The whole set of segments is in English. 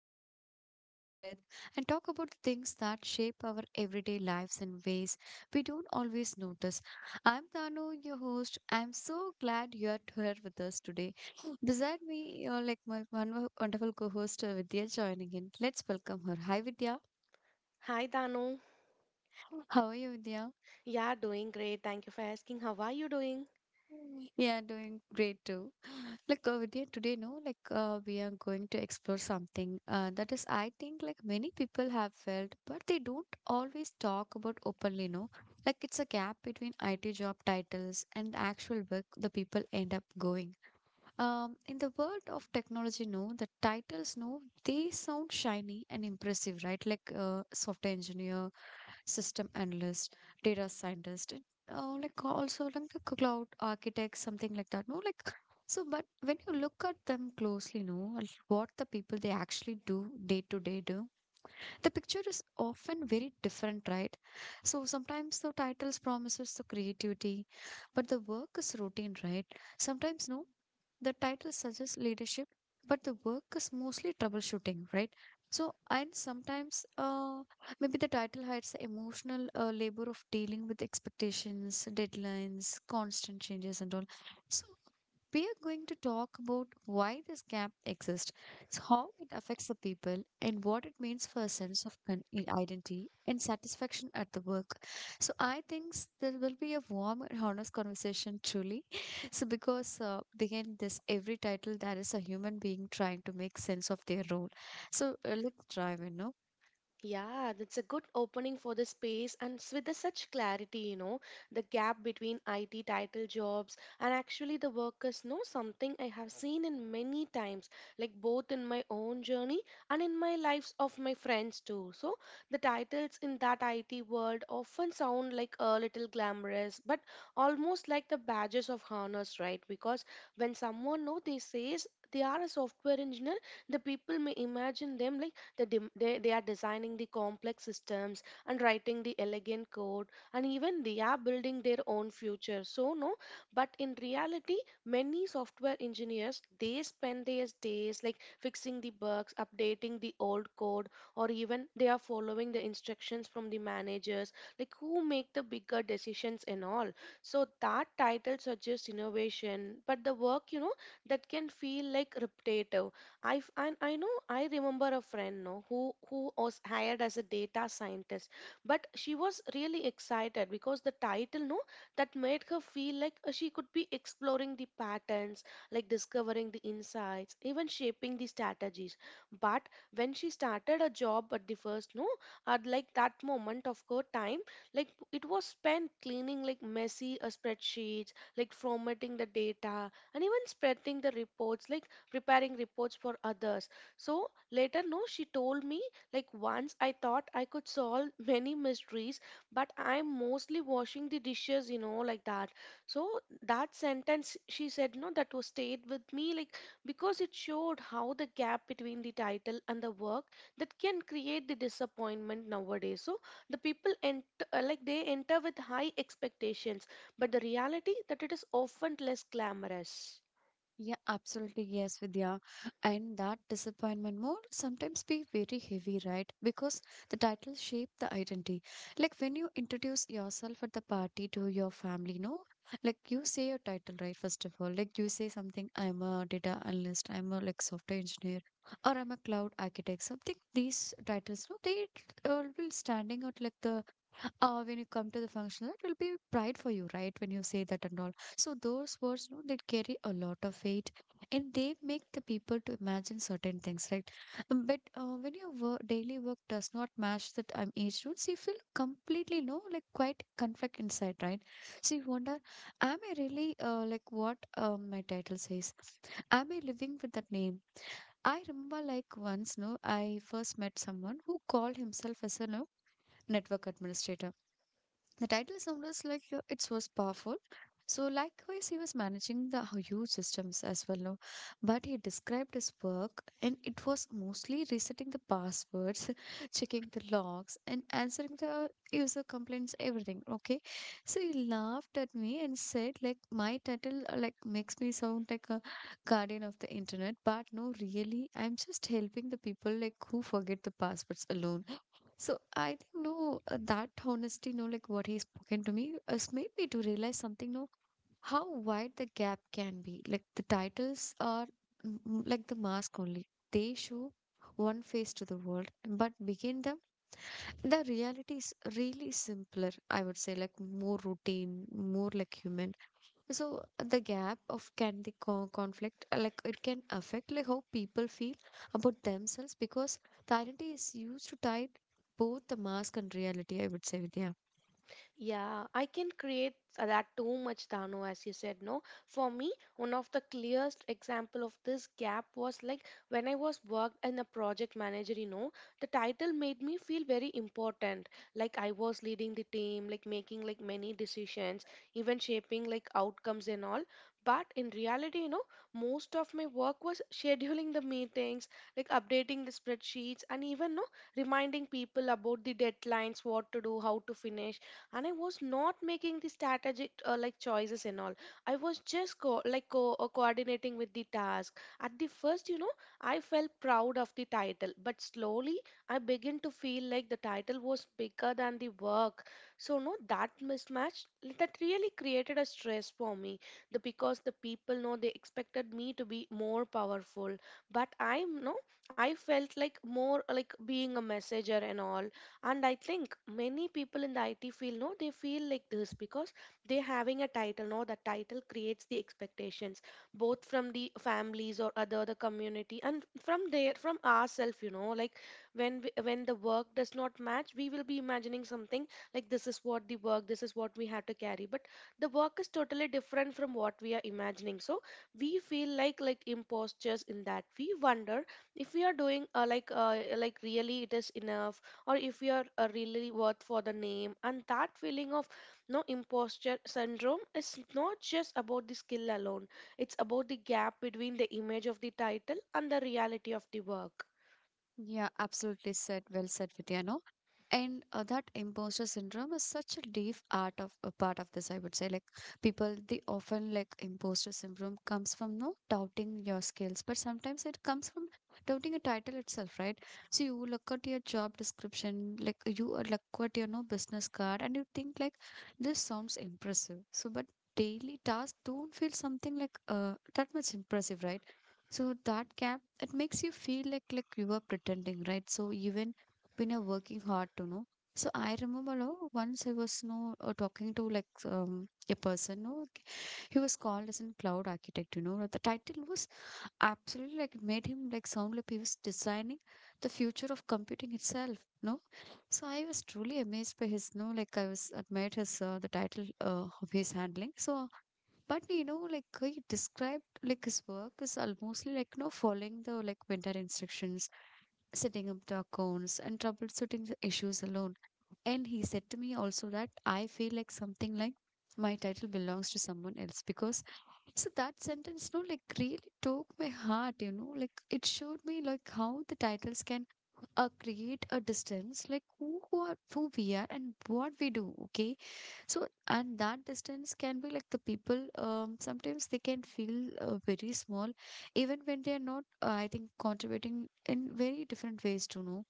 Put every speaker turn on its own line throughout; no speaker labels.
down and take a deep breath and talk about the things that shape our everyday lives in ways we don't always notice. I'm Danu, your host. I'm so glad you are here with us today. Beside me, you're like my one wonderful co host, Vidya, joining in. Let's welcome her. Hi, Vidya.
Hi Danu.
How are you, Vidya?
Yeah, doing great. Thank you for asking. How are you doing?
Yeah, doing great too. Vidya, today, no, we are going to explore something that is, I think, like many people have felt, but they don't always talk about openly, no. Like it's a gap between IT job titles and the actual work the people end up going. In the world of technology, no, the titles, no, they sound shiny and impressive, right? Like software engineer system analyst, data scientist, and like also like a cloud architect, something like that. No, like so, but when you look at them closely, no, and what the people they actually do day to day do, the picture is often very different, right? So sometimes the titles promises the creativity, but the work is routine, right? Sometimes no, the title suggests leadership, but the work is mostly troubleshooting, right? So and sometimes maybe the title hides the emotional labor of dealing with expectations, deadlines, constant changes and all. So we are going to talk about why this gap exists, so how it affects the people and what it means for a sense of identity and satisfaction at the work. So I think there will be a warm and honest conversation truly. So because behind this every title there is a human being trying to make sense of their role. So let's dive in. No?
Yeah, that's a good opening for the space, and with the such clarity, you know, the gap between IT title jobs and actually the workers know something I have seen in many times, like both in my own journey and in my lives of my friends too. So the titles in that IT world often sound like a little glamorous, but almost like the badges of honors, right? Because when someone know they says they are a software engineer, the people may imagine them like they are designing the complex systems and writing the elegant code, and even they are building their own future. So, no, but in reality, many software engineers they spend their days like fixing the bugs, updating the old code, or even they are following the instructions from the managers, like who make the bigger decisions and all. So, that title suggests innovation, but the work, you know, that can feel like repetitive. And I know I remember a friend no who was hired as a data scientist, but she was really excited because the title no that made her feel like she could be exploring the patterns, like discovering the insights, even shaping the strategies. But when she started a job at the first no, at like that moment of her time, like it was spent cleaning like messy spreadsheets, like formatting the data, and even spreading the reports like preparing reports for others. So later, no, she told me, like, once I thought I could solve many mysteries, but I'm mostly washing the dishes, you know, like that. So that sentence she said, no, that was stayed with me, like, because it showed how the gap between the title and the work that can create the disappointment nowadays. So the people ent- like they enter with high expectations, but the reality that it is often less glamorous.
Yeah, absolutely. Yes, Vidya. And that disappointment more sometimes be very heavy, right? Because the title shape the identity. Like when you introduce yourself at the party to your family, no? Like you say your title, right? First of all, like you say something, I'm a data analyst, I'm a like software engineer, or I'm a cloud architect. Something these titles, no, they will standing out like the when you come to the function, it will be pride for you, right? When you say that and all. So those words, no, they carry a lot of weight, and they make the people to imagine certain things, right? But when your work, daily work does not match that age rules, you feel completely no, like quite conflict inside, right? So you wonder, am I really like what my title says? Am I living with that name? I remember like once, no, I first met someone who called himself as a no network administrator, the title sounded like it was powerful. So likewise, he was managing the huge systems as well. No? But he described his work, and it was mostly resetting the passwords, checking the logs, and answering the user complaints, everything. Okay, so he laughed at me and said, like, my title like makes me sound like a guardian of the internet, but no, really, I'm just helping the people like who forget the passwords alone. So I think no that honesty no like what he's spoken to me has made me to realize something no, how wide the gap can be, like the titles are like the mask only, they show one face to the world but begin them, the reality is really simpler, I would say, like more routine, more like human. So the gap of can the conflict like it can affect like how people feel about themselves, because the identity is used to tie both the mask and reality, I would say, Vidya.
Yeah, I can create that too much, Dano, as you said, no? For me, one of the clearest example of this gap was like when I was worked in a project manager, you know, the title made me feel very important. Like I was leading the team, like making like many decisions, even shaping like outcomes and all. But in reality, you know, most of my work was scheduling the meetings, like updating the spreadsheets, and even no reminding people about the deadlines, what to do, how to finish, and I was not making the strategic like choices and all. I was just coordinating with the task at the first, you know. I felt proud of the title, but slowly I began to feel like the title was bigger than the work. So no, that mismatch that really created a stress for me, the because the people know they expected me to be more powerful, but I'm no, I felt like more like being a messenger and all. And I think many people in the IT field know they feel like this because they having a title now the title creates the expectations, both from the families or other the community, and from there from ourselves, you know, like when the work does not match we will be imagining something like this is what the work this is what we have to carry, but the work is totally different from what we are imagining. So we feel like imposters in that we wonder if we are doing like really it is enough, or if we are really worth for the name. And that feeling of no imposter syndrome is not just about the skill alone, it's about the gap between the image of the title and the reality of the work.
Yeah, absolutely said. Well said, Vidya. No? And that imposter syndrome is such a deep art of a part of this, I would say. Like people they often, like imposter syndrome comes from no doubting your skills, but sometimes it comes from doubting a title itself, right? So you look at your job description, like you look at your no business card and you think like this sounds impressive, so but daily tasks don't feel something like that much impressive, right? So that gap it makes you feel like you are pretending, right? So even been working hard to know. So I remember no, once I was no talking to like a person no, he was called as a cloud architect, you know the title was absolutely like it made him like sound like he was designing the future of computing itself, no. So I was truly amazed by his no, like I was admired his the title of his handling. So but you know like he described like his work is almost like no following the like vendor instructions, setting up the accounts and troubleshooting the issues alone. And he said to me also that I feel like something like my title belongs to someone else because so that sentence no, like really took my heart, you know, like it showed me like how the titles can create a distance like who are who we are and what we do, okay. So and that distance can be like the people sometimes they can feel very small even when they are not, I think, contributing in very different ways to know.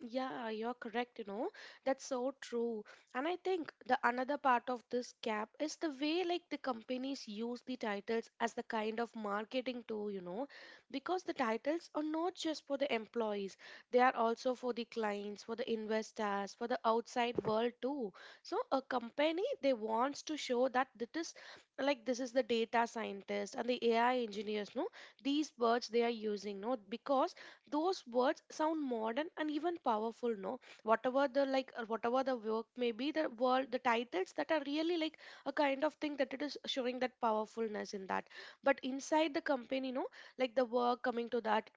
Yeah, you're correct, you know. That's so true. And I think the another part of this gap is the way like the companies use the titles as the kind of marketing tool, you know, because the titles are not just for the employees, they are also for the clients, for the investors, for the outside world too. So a company they wants to show that it is like this is the data scientist and the AI engineers, no, these words they are using, no, because those words sound modern and even powerful, no, whatever the whatever the work may be, the world the titles that are really like a kind of thing that it is showing that powerfulness in that. But inside the company, you know, like the work coming to that,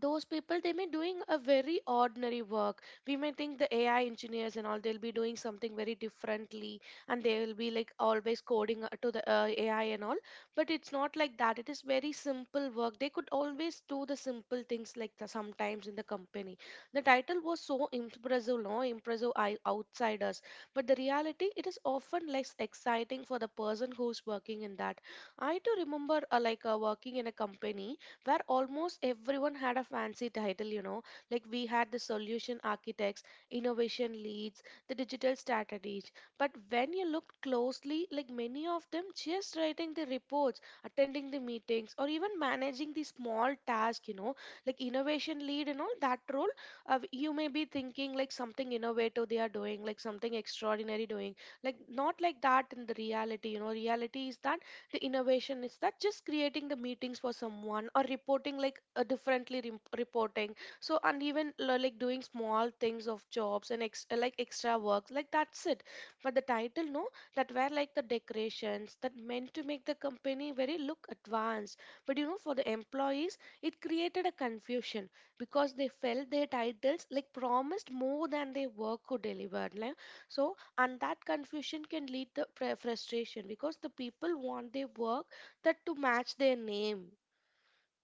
those people they may doing a very ordinary work. We may think the AI engineers and all they'll be doing something very differently, and they will be like always coding to the AI and all. But it's not like that, it is very simple work, they could always do the simple things like the, sometimes in the company the title was so impressive no impressive I, outsiders, but the reality it is often less exciting for the person who's working in that. I too remember working in a company where almost everyone had a fancy title, you know. Like we had the solution architects, innovation leads, the digital strategies. But when you looked closely, like many of them just writing the reports, attending the meetings, or even managing the small task, you know, like innovation lead and all that role, you may be thinking like something innovative they are doing, like something extraordinary doing. Like not like that in the reality, you know, reality is that the innovation is that just creating the meetings for someone or reporting like differently rem reporting. So and even like doing small things of jobs and like extra works, like that's it. But the title no that were like the decorations that meant to make the company very look advanced. But you know for the employees it created a confusion because they felt their titles like promised more than their work could deliver like. So and that confusion can lead to frustration because the people want their work that to match their name.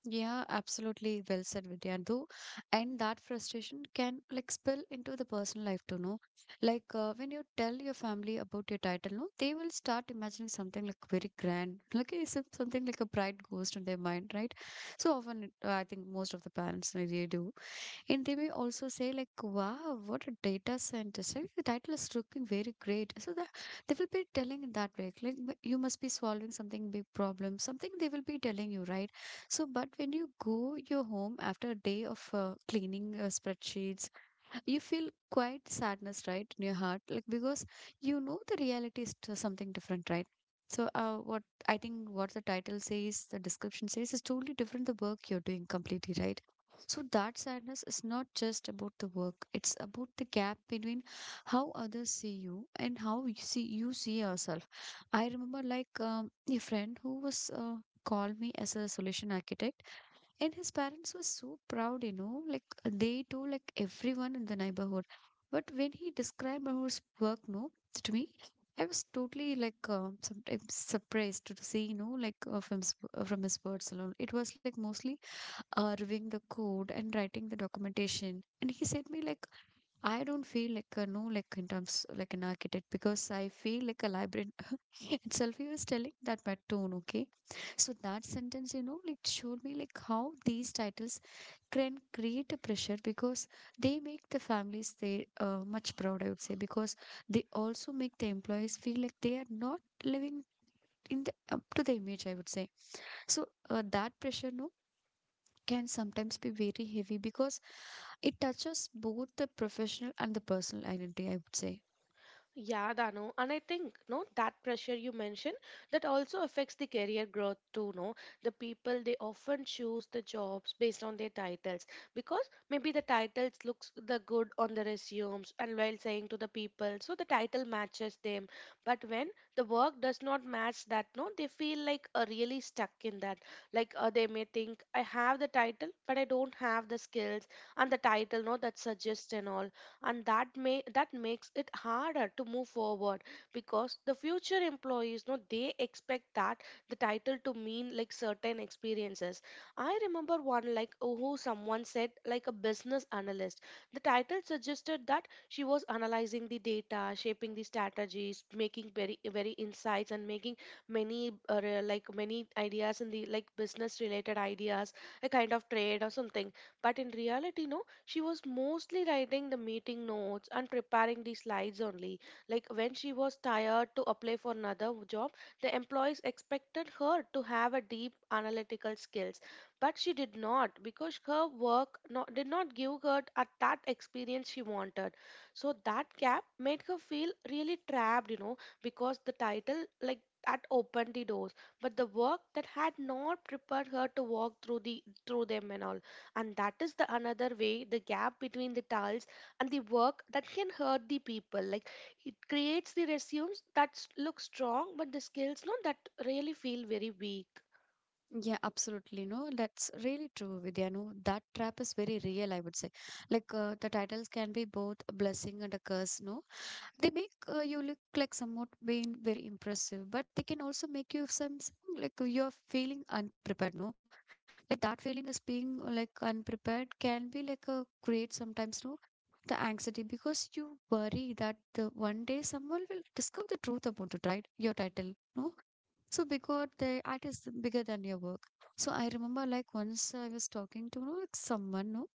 Yeah, absolutely well said, Vidya. Though, and that frustration can like spill into the personal life too, no? Like when you tell your family about your title, no, they will start imagining something like very grand, like eh, something like a bright ghost in their mind, right? So often, I think most of the parents really do. And they may also say like, wow, what a data scientist. Like, the title is looking very great. So that they will be telling in that way. Like, "But you must be solving something big problem," something they will be telling you, right? So, but when you go your home after a day of cleaning spreadsheets, you feel quite sadness right in your heart, like because you know the reality is something different, right? So what I think what the title says, the description says is totally different, the work you're doing completely, right? So that sadness is not just about the work, it's about the gap between how others see you and how you see yourself. I remember like a friend who was called me as a solution architect and his parents were so proud, you know, like they told like everyone in the neighborhood. But when he described how his work, no, to me, I was totally like sometimes surprised to see, you know, like from his words alone. It was like mostly reviewing the code and writing the documentation, and he said me like I don't feel like a no like in terms like an architect, because I feel like a librarian itself, he was telling that by tone, okay. So that sentence you know like showed me like how these titles can create a pressure, because they make the families they much proud, I would say, because they also make the employees feel like they are not living in the up to the image, I would say. So that pressure no, can sometimes be very heavy, because it touches both the professional and the personal identity, I would say.
Yeah, Danu, and I think no that pressure you mentioned that also affects the career growth too. No, the people they often choose the jobs based on their titles because maybe the titles looks the good on the resumes and while saying to the people, so the title matches them. But when the work does not match that, no, they feel like really stuck in that. Like they may think I have the title, but I don't have the skills and the title, no, that suggests and all, and that may that makes it harder to move forward because the future employees no, they expect that the title to mean like certain experiences. I remember one like oh, who someone said like a business analyst, the title suggested that she was analyzing the data shaping the strategies making very insights and making many like many ideas in the like business related ideas, a kind of trade or something. But in reality no she was mostly writing the meeting notes and preparing the slides only. Like when she was tired to apply for another job, the employees expected her to have a deep analytical skills, but she did not because her work not, did not give her at that experience she wanted. So that gap made her feel really trapped, you know, because the title like that opened the doors, but the work that had not prepared her to walk through the through them and all. And that is the another way the gap between the tiles and the work that can hurt the people like, it creates the resumes that look strong but the skills no that really feel very weak.
Yeah, absolutely. No, that's really true, Vidya. No, that trap is very real, I would say. Like, the titles can be both a blessing and a curse, no? They make you look like somewhat being very impressive, but they can also make you like you're feeling unprepared, no? Like that feeling is being like unprepared can be like a great sometimes, no? The anxiety because you worry that the one day someone will discover the truth about it, right? Your title, no? So because the art is bigger than your work. So I remember like once I was talking to you know, like someone, no?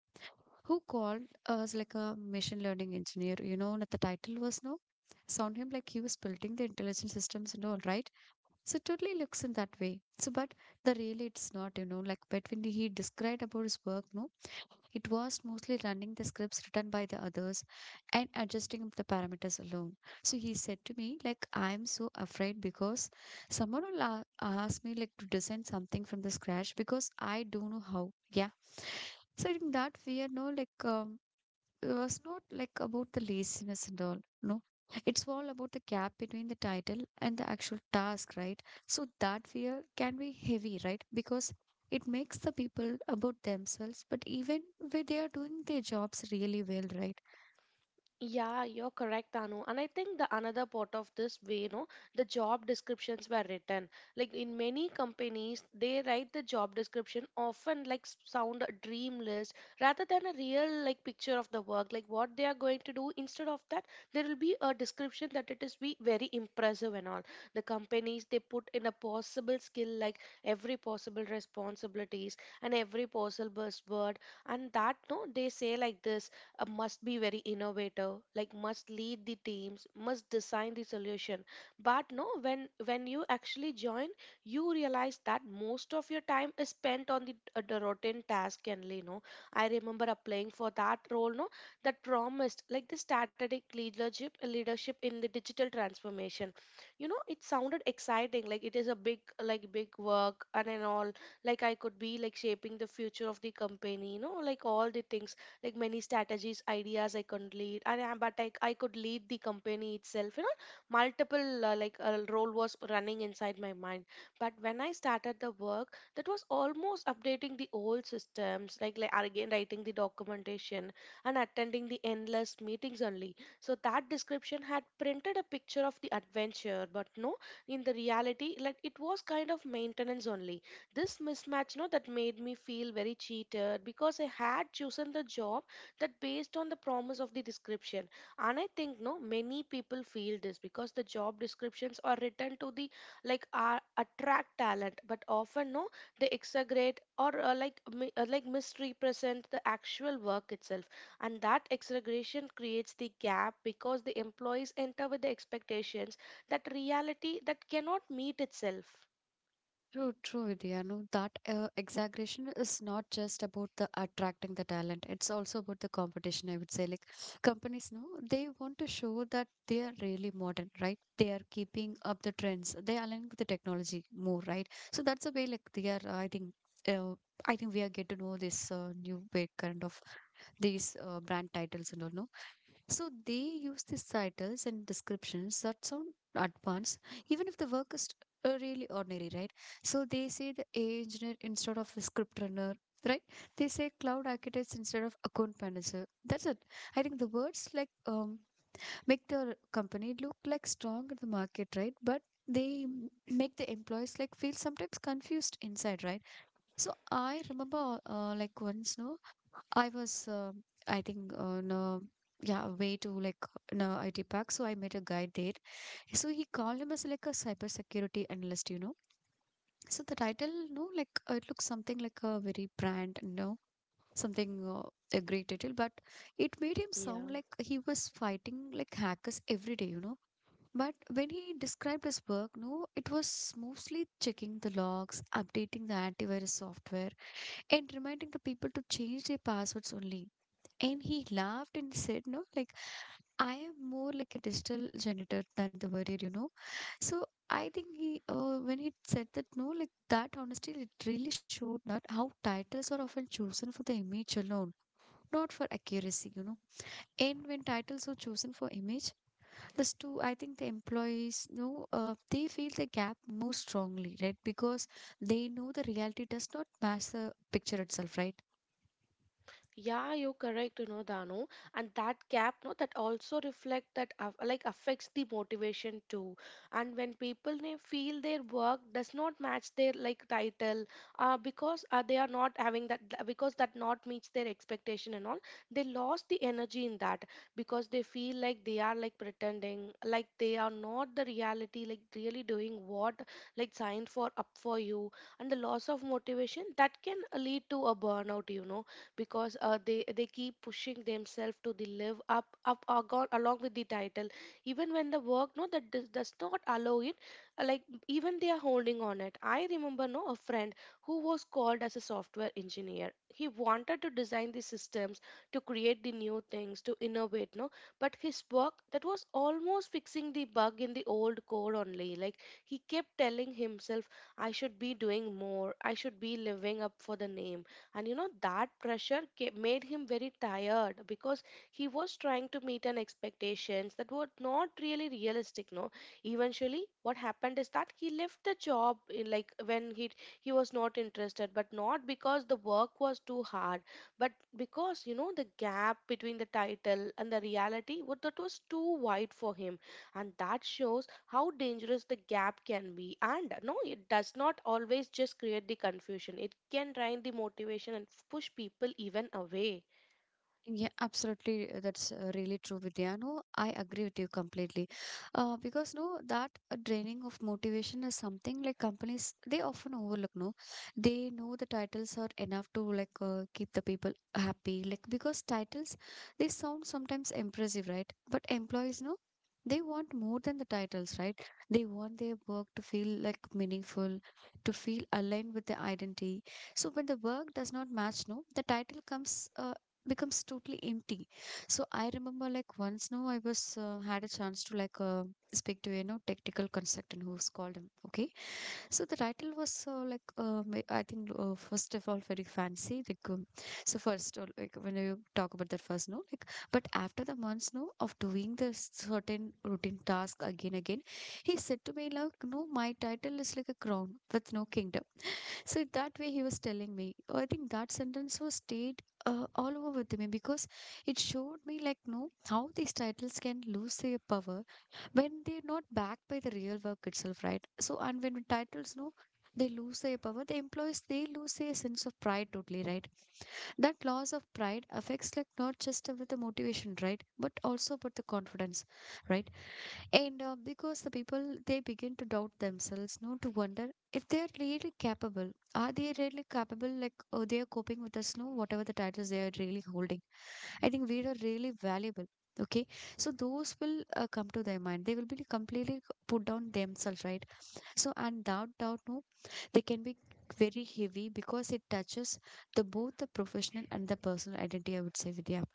Who called us like a machine learning engineer. You know, that the title was no. Sound him like he was building the intelligent systems and all, right? So it totally looks in that way. So, but the really it's not, you know, like but when he described about his work, no, it was mostly running the scripts written by the others and adjusting the parameters alone. So he said to me, like, I'm so afraid because someone will ask me like to design something from the scratch because I don't know how. Yeah. So in that fear, no, like it was not like about the laziness and all, no, it's all about the gap between the title and the actual task, right? So that fear can be heavy, right? Because it makes the people about themselves, but even where they are doing their jobs really well, right?
Yeah, you're correct, Anu. And I think the another part of this way, you know, the job descriptions were written. Like in many companies, they write the job description often like sound a dream list rather than a real like picture of the work, like what they are going to do. Instead of that, there will be a description that it is be very impressive and all. The companies they put in a possible skill like every possible responsibilities and every possible buzzword, and that no, they say like this must be very innovative like must lead the teams must design the solution but no when you actually join you realize that most of your time is spent on the routine task only no. I remember applying for that role no, that promised like the strategic leadership in the digital transformation. You know it sounded exciting like it is a big like big work and all, like I could be like shaping the future of the company, you know, like all the things, like many strategies ideas I could lead and I could lead the company itself, you know. Multiple role was running inside my mind, but when I started the work, that was almost updating the old systems like again writing the documentation and attending the endless meetings only. So that description had printed a picture of the adventure but no, in the reality like it was kind of maintenance only. This mismatch no, that made me feel very cheated because I had chosen the job that based on the promise of the description. And I think no, many people feel this because the job descriptions are written to the like are attract talent but often no, they exaggerate or like misrepresent the actual work itself. And that exaggeration creates the gap because the employees enter with the expectations that reality that cannot meet itself.
True, true, Vidya. No, that exaggeration is not just about the attracting the talent. It's also about the competition, I would say. Like companies, no, they want to show that they are really modern, right? They are keeping up the trends. They align with the technology more, right? So that's the way, like they are. Uh, I think we are get to know this new way kind of these brand titles and all. No, so they use these titles and descriptions that sound advanced, even if the work is really ordinary, right? So they say the AI engineer instead of the script runner, right? They say cloud architects instead of account manager. That's it. I think the words like make the company look like strong in the market, right? But make the employees like feel sometimes confused inside, right? So I remember, like once, no, I was, uh, I think, no, yeah, way to like no IT park. So I met a guy there. So he called him as like a cybersecurity analyst, you know. So the title, no, like it looks something like a very brand, no, something a great title, but it made him sound
Yeah.
like he was fighting like hackers every day, you know. But when he described his work, no, it was mostly checking the logs, updating the antivirus software and reminding the people to change their passwords only. And he laughed and said, no, like I am more like a digital janitor than the warrior, you know. So I think when he said that, no, like that honesty, it really showed that how titles are often chosen for the image alone, not for accuracy, you know. And when titles are chosen for image, this too, I think the employees, no, they feel the gap more strongly, right? Because they know the reality does not match the picture itself, right?
Yeah, you're correct, you know, Danu. And that gap, no, that also reflect that like affects the motivation too. And when people they feel their work does not match their like title, because they are not having because that not meets their expectation and all, they lost the energy in that because they feel like they are like pretending, like they are not the reality, like really doing what like signed for up for you. And the loss of motivation that can lead to a burnout, you know, because they keep pushing themselves to the live up up or along with the title even when the work no that does not allow it, uh, like even they are holding on it. I remember no, a friend who was called as a software engineer. He wanted to design the systems, to create the new things, to innovate no, but his work that was almost fixing the bug in the old code only. Like he kept telling himself, I should be doing more, I should be living up for the name. And you know that pressure made him very tired because he was trying to meet an expectations that were not really realistic no. Eventually what happened is that he left the job in like when he was not interested but not because the work was too hard but because you know the gap between the title and the reality what that was too wide for him. And that shows how dangerous the gap can be, and no, it does not always just create the confusion, it can drain the motivation and push people even away.
Yeah, absolutely. That's really true, Vidya. No, I agree with you completely. Because no, that draining of motivation is something like companies they often overlook. No, they know the titles are enough to like keep the people happy. Like because titles they sound sometimes impressive, right? But employees, no, they want more than the titles, right? They want their work to feel like meaningful, to feel aligned with their identity. So when the work does not match, no, the title comes. Becomes totally empty. So I remember like once now I was had a chance to like speak to you know technical consultant who's called him, okay. So the title was like I think first of all very fancy. Like so first like when you talk about that first no like but after the months no of doing this certain routine task again again, he said to me like no my title is like a crown with no kingdom. So that way he was telling me. Oh, I think that sentence was stayed all over with me because it showed me like no how these titles can lose their power when they're not backed by the real work itself, right? So, and when titles, no, they lose their power, the employees, they lose their sense of pride totally, right? That loss of pride affects, like, not just with the motivation, right? But also about the confidence, right? And because the people, they begin to doubt themselves, no, to wonder if they're really capable. Are they really capable, like, they are coping with us, no, whatever the titles they are really holding? I think we are really valuable. Okay, so those will come to their mind. They will be completely put down themselves, right? So, and that doubt, no, they can be very heavy because it touches the both the professional and the personal identity. I would say, Vidya.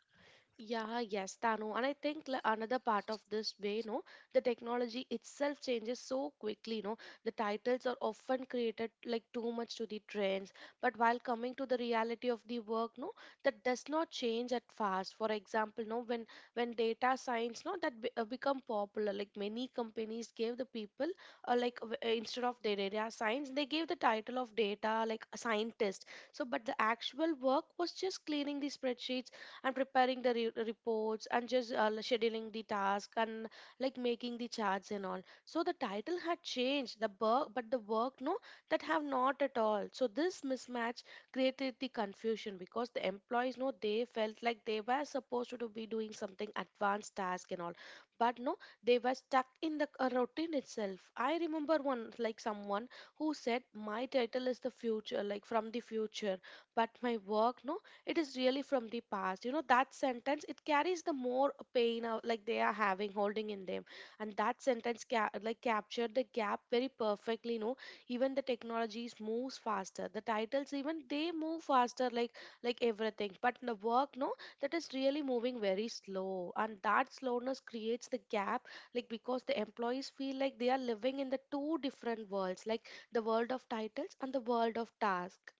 Yeah, yes, Tanu. And I think another part of this way, no, the technology itself changes so quickly, no. The titles are often created like too much to the trends. But while coming to the reality of the work, no, that does not change at fast. For example, no, when data science, no, that become popular, like many companies gave the people, instead of the data science, they gave the title of data like a scientist. So, but the actual work was just cleaning the spreadsheets and preparing the reports and just scheduling the task and like making the charts and all. So the title had changed the work but the work no, that have not at all. So this mismatch created the confusion because the employees no, they felt like they were supposed to be doing something advanced task and all but no, they were stuck in the routine itself. I remember one like someone who said my title is the future like from the future, but my work no, it is really from the past. You know that sentence it carries the more pain out like they are having holding in them. And that sentence like captured the gap very perfectly, you know. Even the technologies moves faster, the titles even they move faster like everything, but the work no, that is really moving very slow. And that slowness creates the gap like because the employees feel like they are living in the two different worlds like the world of titles and the world of task.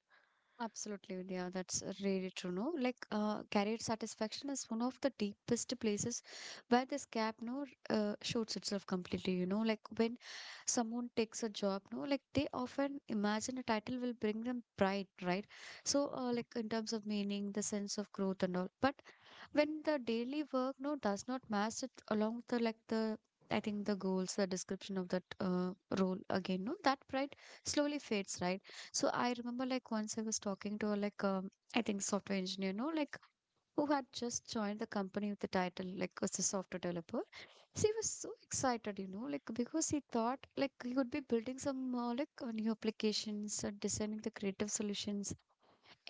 Absolutely, Vidya. That's really true. No, like career satisfaction is one of the deepest places where this gap no shoots itself completely. You know, like when someone takes a job, no, like they often imagine a title will bring them pride, right? So, like in terms of meaning, the sense of growth and all. But when the daily work no does not match it along with the like the I think the goals, the description of that role again, no, that pride slowly fades, right? So I remember like once I was talking to a like I think software engineer, no, like who had just joined the company with the title like as a software developer. So he was so excited, you know, like because he thought like he would be building some like new applications, designing the creative solutions,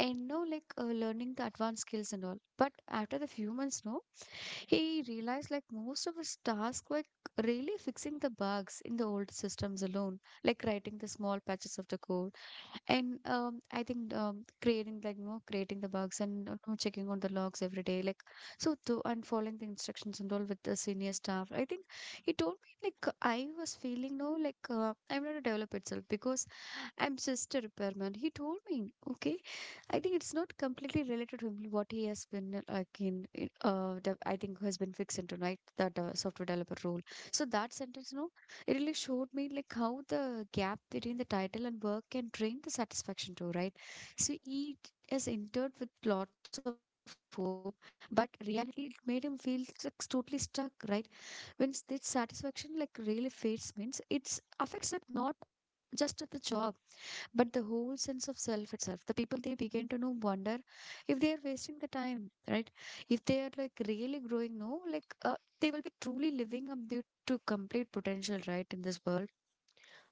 and no like learning the advanced skills and all. But after the few months, no, he realized like most of his tasks were really fixing the bugs in the old systems alone, like writing the small patches of the code, and I think creating like you know creating the bugs and you know, checking on the logs every day, like so to and following the instructions and all with the senior staff. I think he told me like I was feeling no like I'm not a developer itself because I'm just a repairman. He told me, okay, I think it's not completely related to him, what he has been like the, I think has been fixed into right that software developer role. So that sentence, no, it really showed me like how the gap between the title and work can drain the satisfaction too, right? So he has entered with lots of hope, but reality it made him feel like totally stuck, right? When this satisfaction like really fades, means it's affects it not just the job but the whole sense of self itself, the people they begin to know wonder if they are wasting the time, right? If they are like really growing no like uh, they will be truly living up their to complete potential, right, in this world.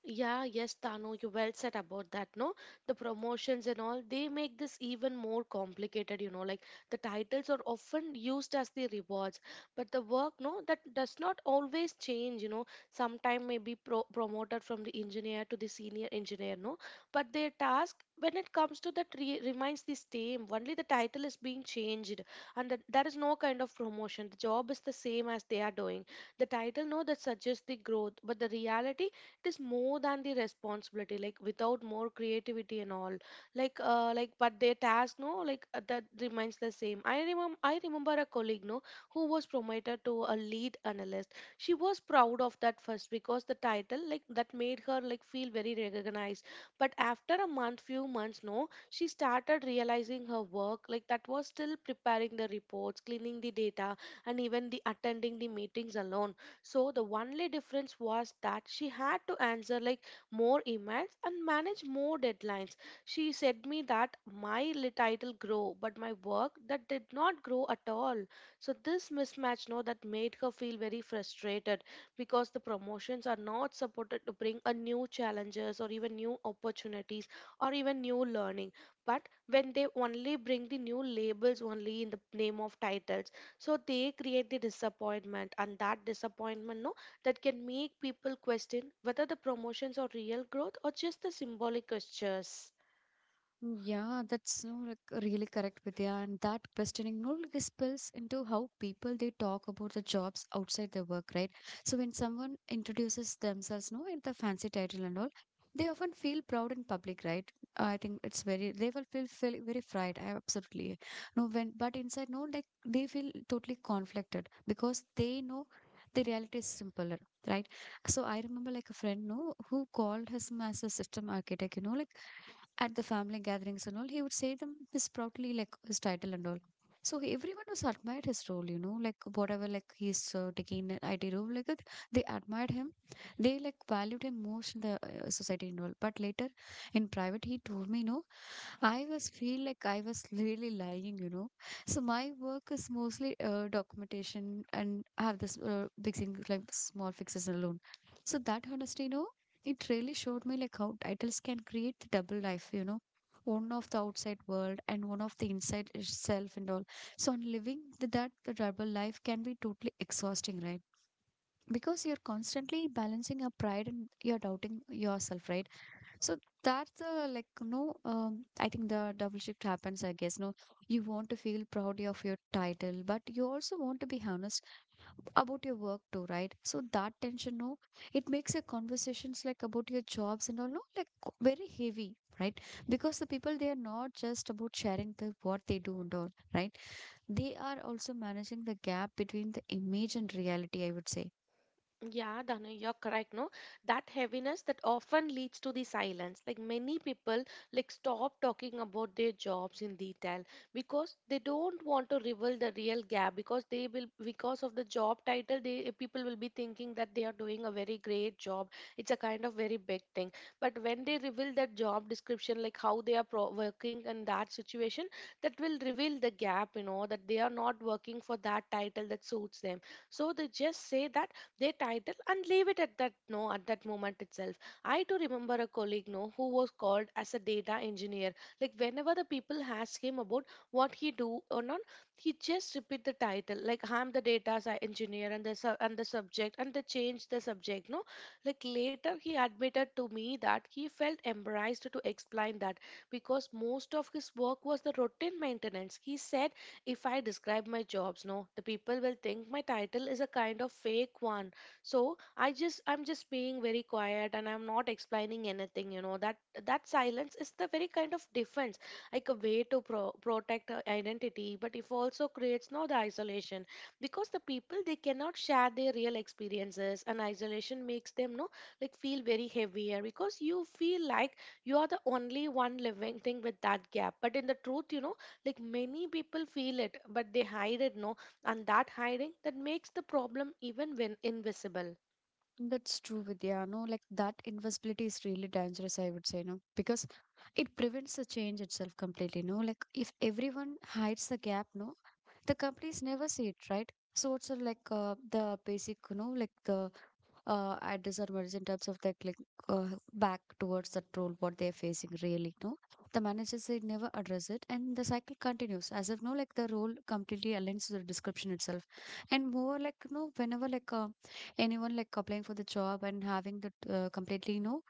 Yeah, yes, Tano, you well said about that, no? The promotions and all, they make this even more complicated, you know, like the titles are often used as the rewards, but the work, no, that does not always change, you know. Sometime maybe promoted from the engineer to the senior engineer, no? But their task, when it comes to that, re remains the same. Only the title is being changed, and that there is no kind of promotion. The job is the same as they are doing. The title, no, that suggests the growth, but the reality it is more than the responsibility like without more creativity and all but their task no that remains the same. I remember a colleague no, who was promoted to a lead analyst. She was proud of that first because the title like that made her like feel very recognized. But after a month few months no, she started realizing her work like that was still preparing the reports, cleaning the data and even the attending the meetings alone. So the only difference was that she had to answer like more emails and manage more deadlines. She said me that my title grow, but my work that did not grow at all. So this mismatch, no, that made her feel very frustrated because the promotions are not supported to bring a new challenges or even new opportunities or even new learning. But when they only bring the new labels only in the name of titles, so they create the disappointment. And that disappointment no, that can make people question whether the promotions are real growth or just the symbolic gestures.
Yeah, that's no, like really correct, Vidya. And that questioning no like, spills into how people they talk about the jobs outside their work, right? So when someone introduces themselves, no, in the fancy title and all, they often feel proud in public, right? I think it's very they will feel very fried. I absolutely no when but inside no like they feel totally conflicted because they know the reality is simpler, right? So I remember like a friend no who called him as a system architect, you know, like at the family gatherings and all, he would say them this proudly, like his title and all. So everyone was admired his role, you know, like whatever, like he's taking an IT role, like that, they admired him. They like valued him most in the society and all. But later in private, he told me, no, I was feel like I was really lying, you know. So my work is mostly documentation and I have this fixing like small fixes alone. So that honesty, you know, it really showed me like how titles can create the double life, you know, one of the outside world and one of the inside itself and all. So on living the, that the double life can be totally exhausting, right? Because you're constantly balancing your pride and you're doubting yourself, right? So that's like no, I think the double shift happens. I guess no, you want to feel proud of your title, but you also want to be honest about your work too, right? So that tension, no, it makes your conversations like about your jobs and all, no, like very heavy, right? Because the people they are not just about sharing the what they do and all, right? They are also managing the gap between the image and reality. I would say.
Yeah, Dana, you're correct. No, that heaviness that often leads to the silence. Like many people, like stop talking about their jobs in detail because they don't want to reveal the real gap. Because they will, because of the job title, they people will be thinking that they are doing a very great job. It's a kind of very big thing. But when they reveal that job description, like how they are pro working in that situation, that will reveal the gap. You know that they are not working for that title that suits them. So they just say that they title and leave it at that no, at that moment itself. I too remember a colleague no, who was called as a data engineer. Like whenever the people ask him about what he do or not, he just repeat the title like I'm the engineer and the and the subject and they change the subject no. Like later he admitted to me that he felt embarrassed to explain that because most of his work was the routine maintenance. He said, if I describe my jobs no, the people will think my title is a kind of fake one. So I'm just being very quiet and I'm not explaining anything, you know. That that silence is the very kind of defense, like a way to protect our identity, but if also creates no, the isolation, because the people they cannot share their real experiences. And isolation makes them no, like feel very heavier because you feel like you are the only one living thing with that gap. But in the truth, you know, like many people feel it but they hide it no, and that hiding that makes the problem even when invisible.
That's true, Vidya. No, like that invisibility is really dangerous, I would say, no, because it prevents the change itself completely. No, like if everyone hides the gap, no, the companies never see it, right? So it's like the basic, like the at this in terms of their click uh, back towards the role what they're facing really, no, the managers they never address it and the cycle continues as if, no, like the role completely aligns to the description itself. And more like, no, whenever anyone like applying for the job and having the completely, no,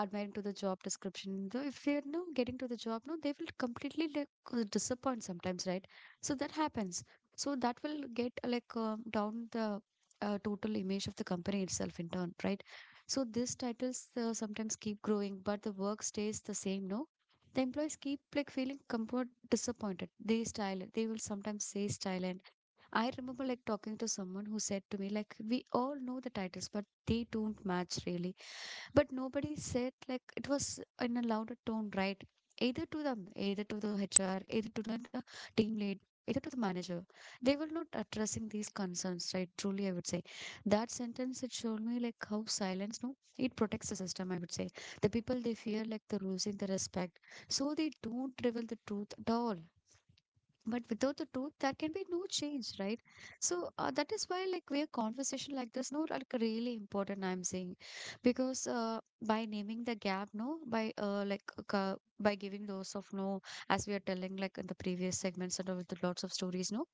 admiring to the job description though if they're no getting to the job, no, they will completely like disappoint sometimes, right? So that happens. So that will get down the total image of the company itself in turn, right? So these titles sometimes keep growing, but the work stays the same, no? The employees keep like feeling comfort disappointed. They style it. They will sometimes say style. And I remember like talking to someone who said to me like we all know the titles but they don't match really. But nobody said, like, it was in a louder tone, right? Either to them, either to the HR, either to the team lead, either to the manager. They were not addressing these concerns, right? Truly, I would say that sentence it showed me like how silence, no, it protects the system. I would say the people they fear like they're losing the respect, so they don't reveal the truth at all. But without the truth, there can be no change, right? So that is why, like, we are conversation like this, no, like really important. I'm saying, because by naming the gap, no, by giving those of, no, as we are telling like in the previous segments and all with the lots of stories, no,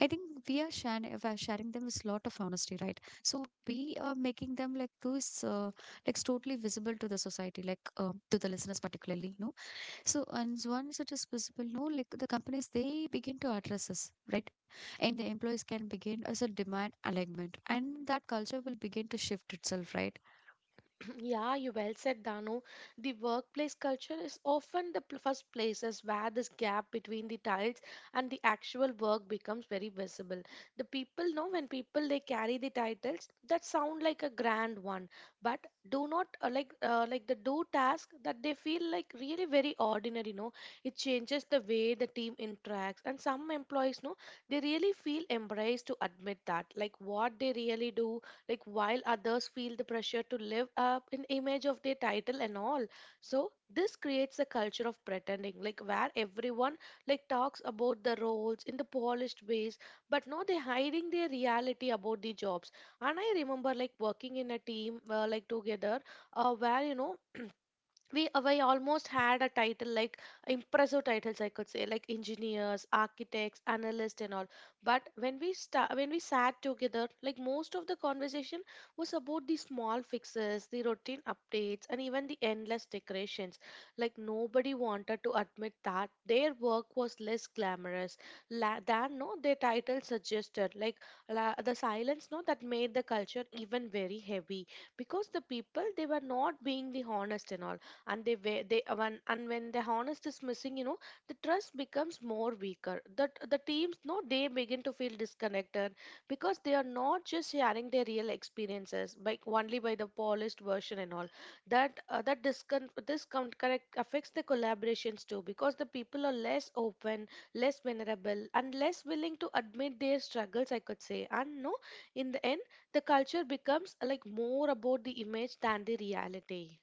I think we are sharing them is lot of honesty, right? So we are making them like those like totally visible to the society, like, to the listeners particularly, no. So and once it is visible, no, like the companies they begin to address this, right? And the employees can begin as a demand alignment, and that culture will begin to shift itself, right?
Yeah, you well said, Danu. The workplace culture is often the first places where this gap between the titles and the actual work becomes very visible. The people know when people they carry the titles that sound like a grand one, but do not the do task that they feel like really very ordinary. No, it changes the way the team interacts, and some employees know they really feel embraced to admit that, like what they really do, like while others feel the pressure to live up in image of their title and all. So this creates a culture of pretending, like where everyone like talks about the roles in the polished ways, but no, they're hiding their reality about the jobs. And I remember like working in a team like together, where you know we almost had a title like impressive titles, I could say, like engineers, architects, analysts, and all. But when we sat together, like most of the conversation was about the small fixes, the routine updates, and even the endless decorations. Like nobody wanted to admit that their work was less glamorous than no their title suggested, like the silence no, that made the culture even very heavy, because the people, they were not being the honest and all. And they wa- they when and when the honest is missing, you know, the trust becomes more weaker. That the teams, no, they begin to feel disconnected, because they are not just sharing their real experiences by only by the polished version and all. This disconnect affects the collaborations too, because the people are less open, less vulnerable, and less willing to admit their struggles, I could say. And no, in the end, the culture becomes like more about the image than the reality.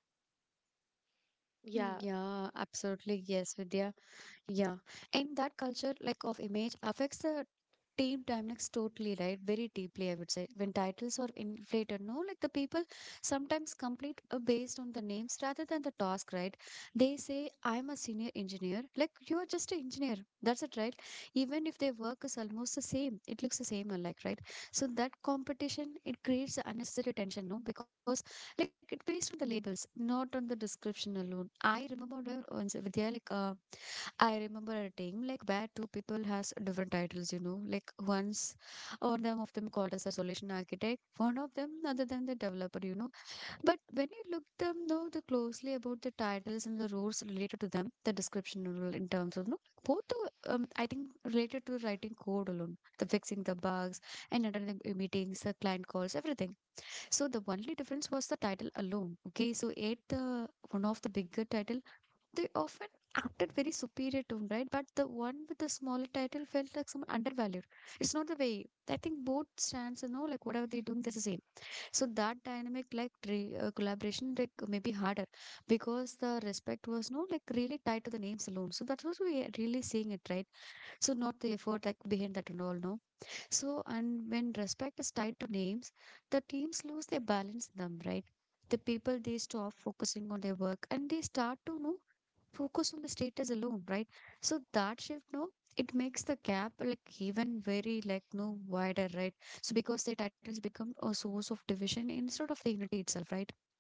Yeah.
Yeah, absolutely. Yes, Vidya. Yeah, and that culture like of image affects the team dynamics totally, right? Very deeply, I would say. When titles are inflated, no, like the people sometimes complete based on the names rather than the task, right? They say, "I'm a senior engineer," like you are just an engineer. That's it, right? Even if their work is almost the same, it looks the same alike, right? So that competition it creates a unnecessary tension, no, because like it based on the labels, not on the description alone. I remember once, Vidya, I remember a time like where two people has different titles, you know. Like once one them of them called as a solution architect, one of them other than the developer, you know. But when you look them know the closely about the titles and the roles related to them, the description role in terms of, no, both are, I think related to writing code alone, the fixing the bugs and attending the meetings, the client calls, everything. So the only difference was the title alone. Okay, so it the one of the bigger title they often acted very superior to him, right? But the one with the smaller title felt like some undervalued. It's not the way. I think both stands, you know, like whatever they're doing, that's the same. So that dynamic, like collaboration, like maybe harder because the respect was no like really tied to the names alone. So that was we are really seeing it, right? So not the effort like behind that and all, no. So and when respect is tied to names, the teams lose their balance in them, right? The people they stop focusing on their work and they start to know focus on the status alone, right? So that shift, no, it makes the gap like even very like no wider, right? So because the titles become a source of division instead of the unity itself, right?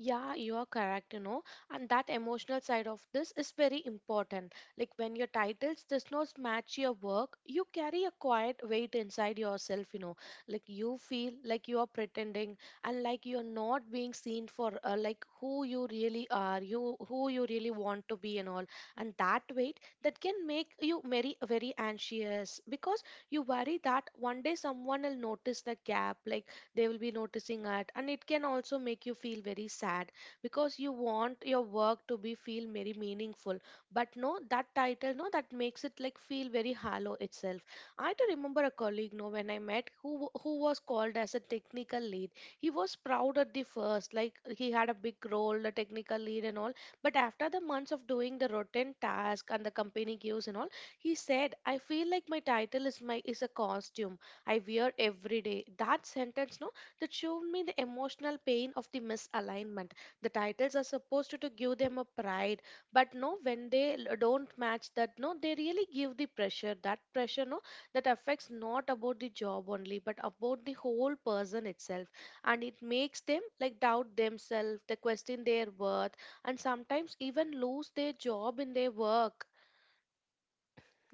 Yeah, you are correct, you know, and that emotional side of this is very important. Like when your titles does not match your work, you carry a quiet weight inside yourself, you know. Like you feel like you are pretending, and like you are not being seen for like who you really are, you who you really want to be and all. And that weight that can make you very very anxious, because you worry that one day someone will notice the gap, like they will be noticing at. And it can also make you feel very sad, because you want your work to be feel very meaningful, but no that title no, that makes it like feel very hollow itself. I do remember a colleague, no, when I met who was called as a technical lead. He was proud at the first, like he had a big role, the technical lead and all. But after the months of doing the routine task and the company gives and all, he said, I feel like my title is my is a costume I wear every day. That sentence, no, that showed me the emotional pain of the misalignment. The titles are supposed to give them a pride, but no, when they don't match that, no, they really give the pressure. That pressure, no, that affects not about the job only, but about the whole person itself. And it makes them like doubt themselves, they question their worth, and sometimes even lose their job in their work.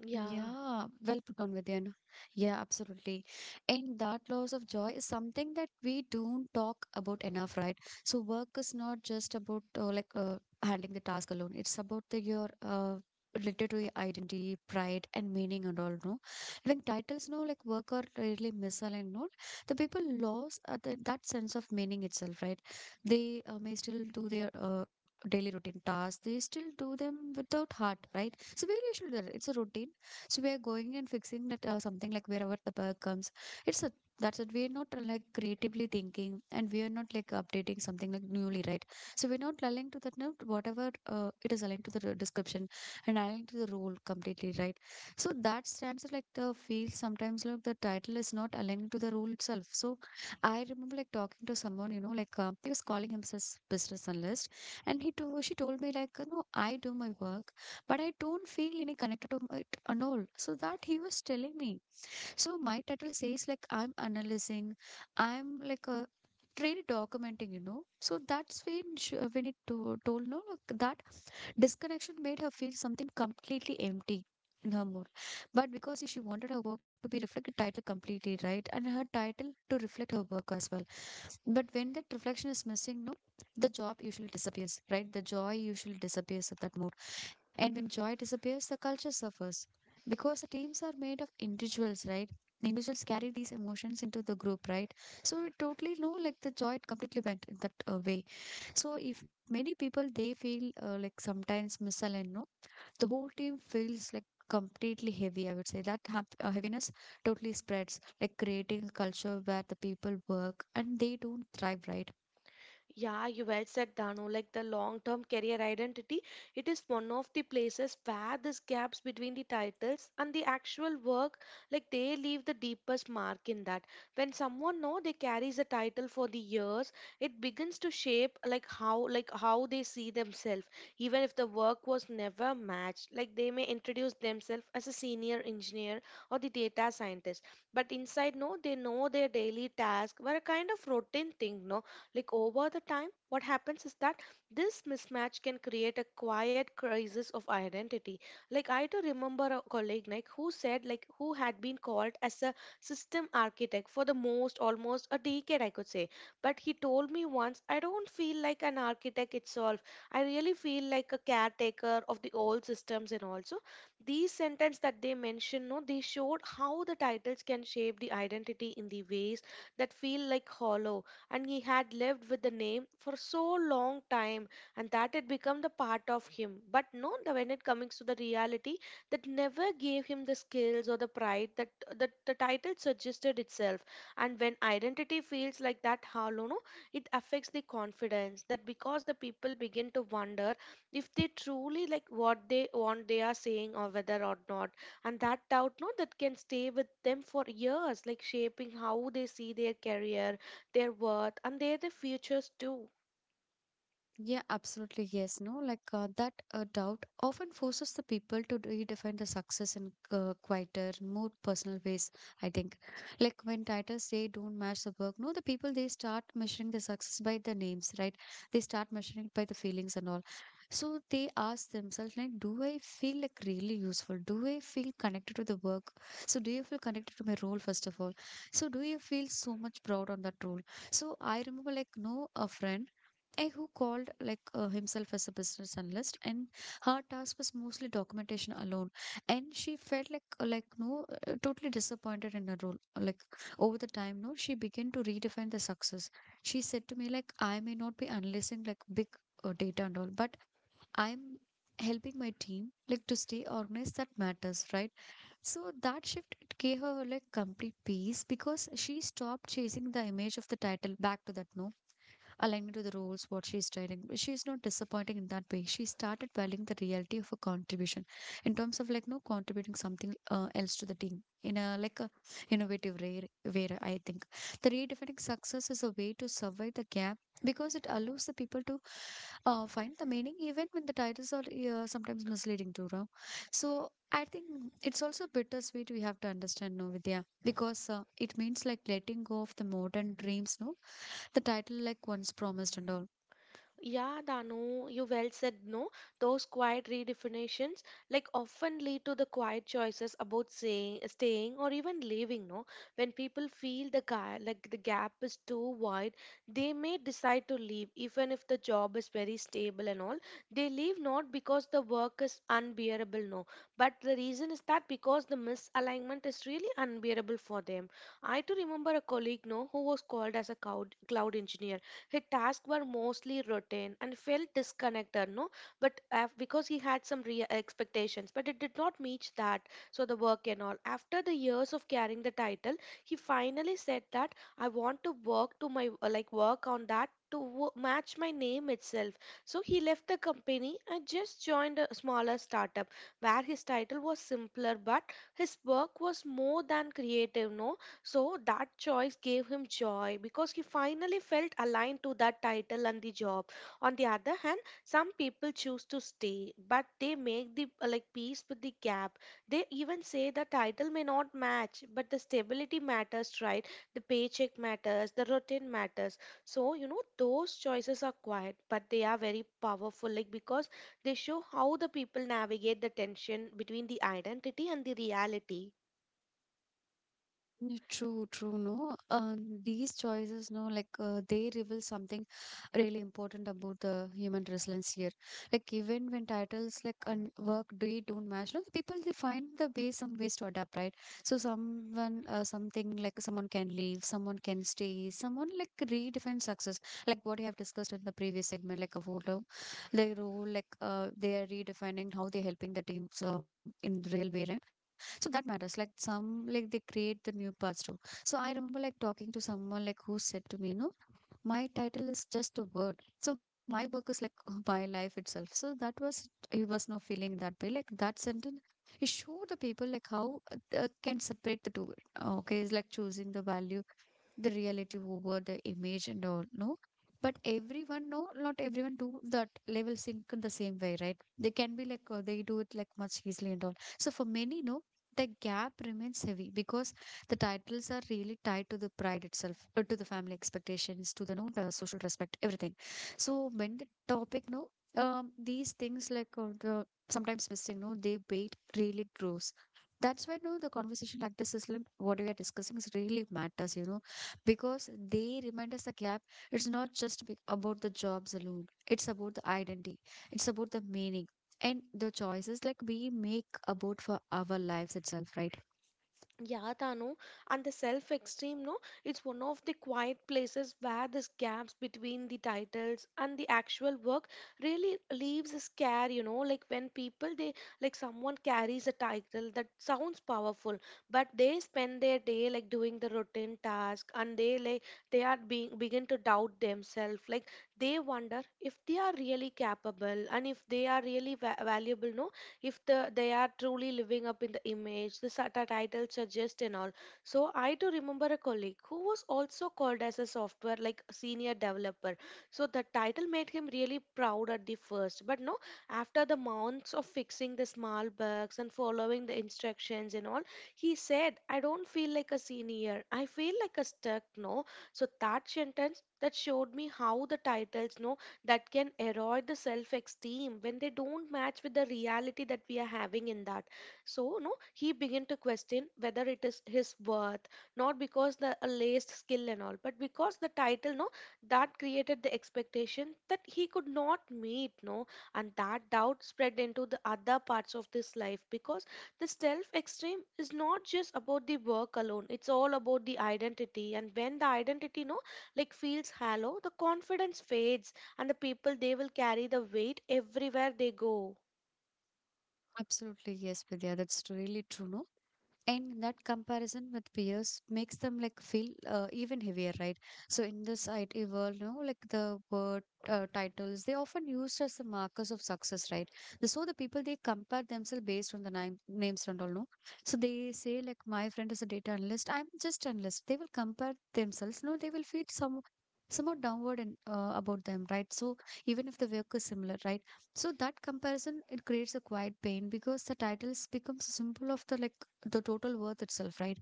Yeah.
Yeah, well put on, Vidyan. Yeah, absolutely. And that loss of joy is something that we don't talk about enough, right? So work is not just about uh, handling the task alone. It's about the your related to your identity, pride, and meaning and all. No, when titles no like work are really misaligned, no, the people lost that sense of meaning itself, right? They may still do their daily routine tasks. They still do them without heart, right? So maybe we should do that. It's a routine, so we are going and fixing that something like wherever the bug comes. It's a, that's it. We're not like creatively thinking and we are not like updating something like newly, right? So we're not aligning to that note, whatever it is aligned to the description and aligned to the role completely, right? So that stands like the field sometimes like the title is not aligned to the role itself. So I remember like talking to someone, you know, he was calling himself business analyst, and she told me like, you know, I do my work, but I don't feel any connected to my and all. So that he was telling me. So my title says like I'm analyzing, I'm like a really documenting, you know. So that's when told no like that disconnection made her feel something completely empty in her mood. But because she wanted her work to be reflected in the title completely, right? And her title to reflect her work as well. But when that reflection is missing, no, the job usually disappears, right? The joy usually disappears at that moment. And when joy disappears, the culture suffers. Because the teams are made of individuals, right? Individuals carry these emotions into the group, right? So it totally, no, like the joy it completely went in that way. So if many people they feel like sometimes misaligned, no, the whole team feels like completely heavy. I would say that heaviness totally spreads, like creating a culture where the people work and they don't thrive, right?
Yeah, you well said, Danu. Like the long-term career identity, it is one of the places where these gaps between the titles and the actual work, like they leave the deepest mark in that. When someone know they carries a title for the years, it begins to shape like how they see themselves. Even if the work was never matched, like they may introduce themselves as a senior engineer or the data scientist, but inside no, they know their daily task were a kind of routine thing, no, like over the time what happens is that this mismatch can create a quiet crisis of identity. Like I do remember a colleague, like who said like who had been called as a system architect for the most almost a decade, I could say. But he told me once, I don't feel like an architect itself, I really feel like a caretaker of the old systems and also. These sentences that they mentioned, no, they showed how the titles can shape the identity in the ways that feel like hollow. And he had lived with the name for so long time, and that had become the part of him, but no when it comes to the reality, that never gave him the skills or the pride that the title suggested itself. And when identity feels like that hollow, no, it affects the confidence, that because the people begin to wonder if they truly like what they want they are saying or whether or not. And that doubt no, that can stay with them for years, like shaping how they see their career, their worth, and their futures too.
Yeah, absolutely. Yes, no, like that doubt often forces the people to redefine the success in quieter, more personal ways. I think, like when titles they don't match the work, no, the people they start measuring the success by the names, right? They start measuring it by the feelings and all. So they ask themselves, like, do I feel like really useful? Do I feel connected to the work? So do you feel connected to my role first of all? So do you feel so much proud on that role? So I remember, like, no, a friend and who called himself as a business analyst, and her task was mostly documentation alone, and she felt like no totally disappointed in her role. Like over the time, no, she began to redefine the success. She said to me like, I may not be analyzing like big data and all, but I'm helping my team like to stay organized, that matters, right? So that shift it gave her like complete peace because she stopped chasing the image of the title back to that, no. Aligning to the roles what she's doing. She is not disappointing in that way. She started valuing the reality of her contribution in terms of like no contributing something else to the team in a like a innovative way I think. The redefining success is a way to survive the gap because it allows the people to find the meaning even when the titles are sometimes misleading too. Know. So I think it's also bittersweet, we have to understand, no, Vidya, because it means like letting go of the modern dreams, no, the title like once promised and all.
Yeah, Danu, you well said no. Those quiet redefinitions like often lead to the quiet choices about staying or even leaving, no? When people feel the guy like the gap is too wide, they may decide to leave even if the job is very stable and all. They leave not because the work is unbearable, no. But the reason is that because the misalignment is really unbearable for them. I too remember a colleague, no, who was called as a cloud engineer. His tasks were mostly routine and felt disconnected, no? But af because he had some real expectations, but it did not meet that. So the work and all. After the years of carrying the title, he finally said that I want to work to my like work on that to wo- match my name itself. So he left the company and just joined a smaller startup where his title was simpler, but his work was more than creative. No, so that choice gave him joy because he finally felt aligned to that title and the job. On the other hand, some people choose to stay, but they make the like peace with the gap. They even say the title may not match, but the stability matters, right? The paycheck matters, the routine matters. So, you know, those choices are quiet, but they are very powerful, like because they show how the people navigate the tension between the identity and the reality.
Mm, true, true, no. These choices, no, like they reveal something really important about the human resilience here, like even when titles like and work they don't match, no, the people they find the way some ways to adapt, right? So someone something like someone can leave, someone can stay, someone like redefine success, like what you have discussed in the previous segment like a photo their role, like they are redefining how they're helping the teams in the real way, right? So that matters. Like some, like they create the new parts too. So I remember like talking to someone like who said to me, you know, my title is just a word. So my work is like my life itself. So that was, he was not feeling that way. Like that sentence, it showed the people like how they can separate the two. Okay, it's like choosing the value, the reality over the image and all. No, but everyone no not everyone do that level sync in the same way, right? They can be like they do it like much easily and all. So for many no, the gap remains heavy because the titles are really tied to the pride itself, to the family expectations, to the no the social respect, everything. So when the topic no, these things like the sometimes missing no, they weight really grows. That's why no the conversation like this is like what we are discussing is really matters. Because they remind us the gap. It's not just about the jobs alone, it's about the identity, it's about the meaning, and the choices like we make about for our lives itself, right?
Yeah, Tanu, and the self extreme, no, it's one of the quiet places where these gaps between the titles and the actual work really leaves a scare, you know. Like when people they like someone carries a title that sounds powerful, but they spend their day like doing the routine task, and they like they are being begin to doubt themselves, like they wonder if they are really capable and if they are really valuable, no, if they are truly living up in the image, the SATA title suggests and all. So I do remember a colleague who was also called as a software like senior developer. So the title made him really proud at the first, but no, after the months of fixing the small bugs and following the instructions and all, he said, I don't feel like a senior. I feel like a stuck, no? So that sentence that showed me how the titles, no, that can erode the self esteem when they don't match with the reality that we are having in that. So no, he began to question whether it is his worth, not because the alleged skill and all, but because the title no, that created the expectation that he could not meet no. And that doubt spread into the other parts of this life, because the self extreme is not just about the work alone, it's all about the identity. And when the identity no, like feels hollow, the confidence fades, and the people they will carry the weight everywhere they go.
Absolutely, yes, Vidya, that's really true. No? And that comparison with peers makes them like feel even heavier, right? So in this IT world like the word titles they often used as the markers of success, right? So the people they compare themselves based on the name, names and all no. So they say like my friend is a data analyst, I'm just analyst, they will compare themselves no, they will feel somehow downward and about them, right? So even if the work is similar, right? So that comparison it creates a quiet pain because the titles becomes a symbol of the like the total worth itself, right?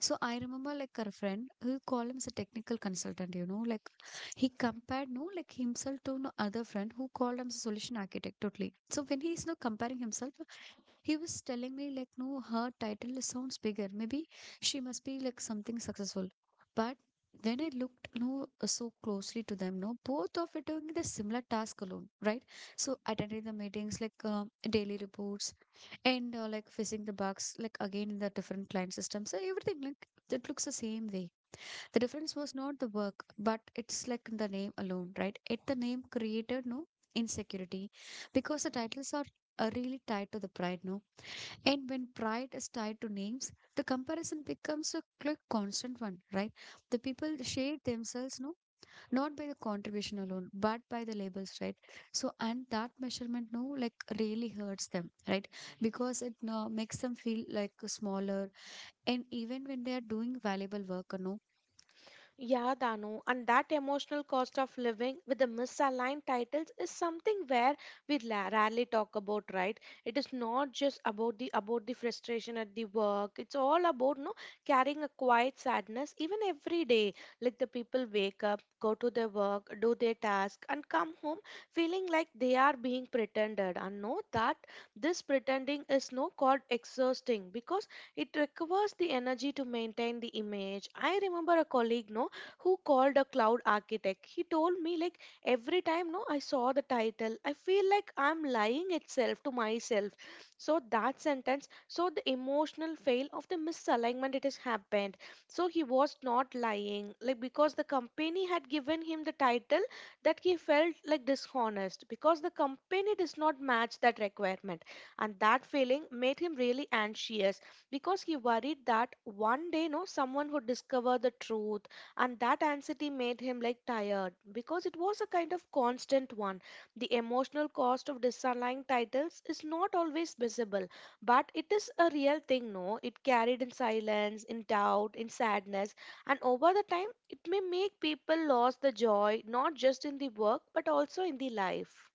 So I remember like a friend who called him as a technical consultant, like he compared no like himself to no other friend who called him as a solution architect totally. So when he's no comparing himself, he was telling me like no, her title sounds bigger. Maybe she must be like something successful. But when I looked no so closely to them, no, both of it doing the similar task alone, right? So attending the meetings like daily reports and like facing the bugs like again in the different client systems. So everything like it looks the same way, the difference was not the work but it's like in the name alone, right? It, the name created no insecurity because the titles are really tied to the pride no. And when pride is tied to names the comparison becomes a quick constant one, right? The people shade themselves no, not by the contribution alone but by the labels, right? So and that measurement no like really hurts them, right? Because it makes them feel like smaller, and even when they are doing valuable work no.
Yeah, Danu, and that emotional cost of living with the misaligned titles is something where we rarely talk about, right? It is not just about the frustration at the work. It's all about no carrying a quiet sadness even every day. Like the people wake up, go to their work, do their task, and come home feeling like they are being pretended. And know that this pretending is no called exhausting, because it requires the energy to maintain the image. I remember a colleague, no, who called a cloud architect. He told me like every time no I saw the title, I feel like I'm lying itself to myself. So that sentence, so the emotional fail of the misalignment it has happened. So he was not lying, like because the company had given him the title, that he felt like dishonest because the company does not match that requirement. And that feeling made him really anxious because he worried that one day no someone would discover the truth. And that anxiety made him like tired because it was a kind of constant one. The emotional cost of disaligning titles is not always visible, but it is a real thing, no, it carried in silence, in doubt, in sadness, and over the time it may make people lose the joy not just in the work but also in the life.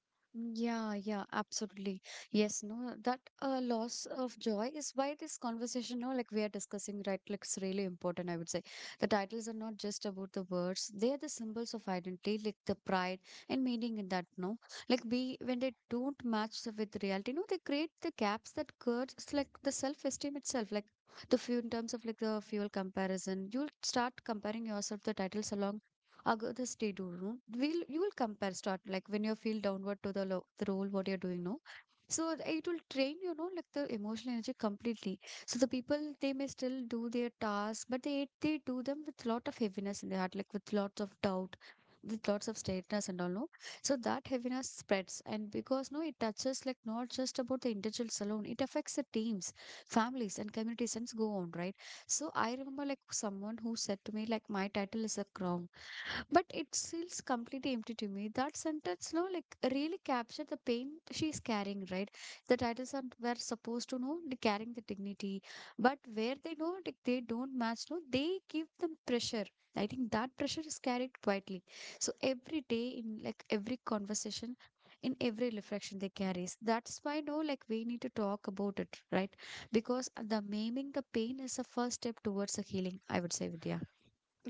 Yeah, yeah, absolutely. Yes, no, that loss of joy is why this conversation, no, like we are discussing, right, like it's really important, I would say. The titles are not just about the words, they are the symbols of identity, like the pride and meaning in that, no? Like we when they don't match with reality, no, they create the gaps that curves like the self-esteem itself, like the few in terms of like the fuel comparison. You'll start comparing yourself the titles along. I'll go the stay do room. Will you will compare start like when you feel downward to the, the role what you're doing now. So it will train like the emotional energy completely. So the people they may still do their tasks, but they do them with lot of heaviness in their heart, like with lots of doubt, with lots of straightness and all no. So that heaviness spreads, and because no, it touches like not just about the individuals alone. It affects the teams, families, and communities, and go on, right. So I remember like someone who said to me like my title is a crown but it feels completely empty to me. That sentence, no, like really captured the pain she is carrying, right? The titles are were supposed to know like, carrying the dignity, but where they know like they don't match, no, they give them pressure. I think that pressure is carried quietly. So every day in like every conversation, in every reflection they carries. That's why no, like we need to talk about it, right? Because the maiming the pain is a first step towards the healing. I would say, Vidya.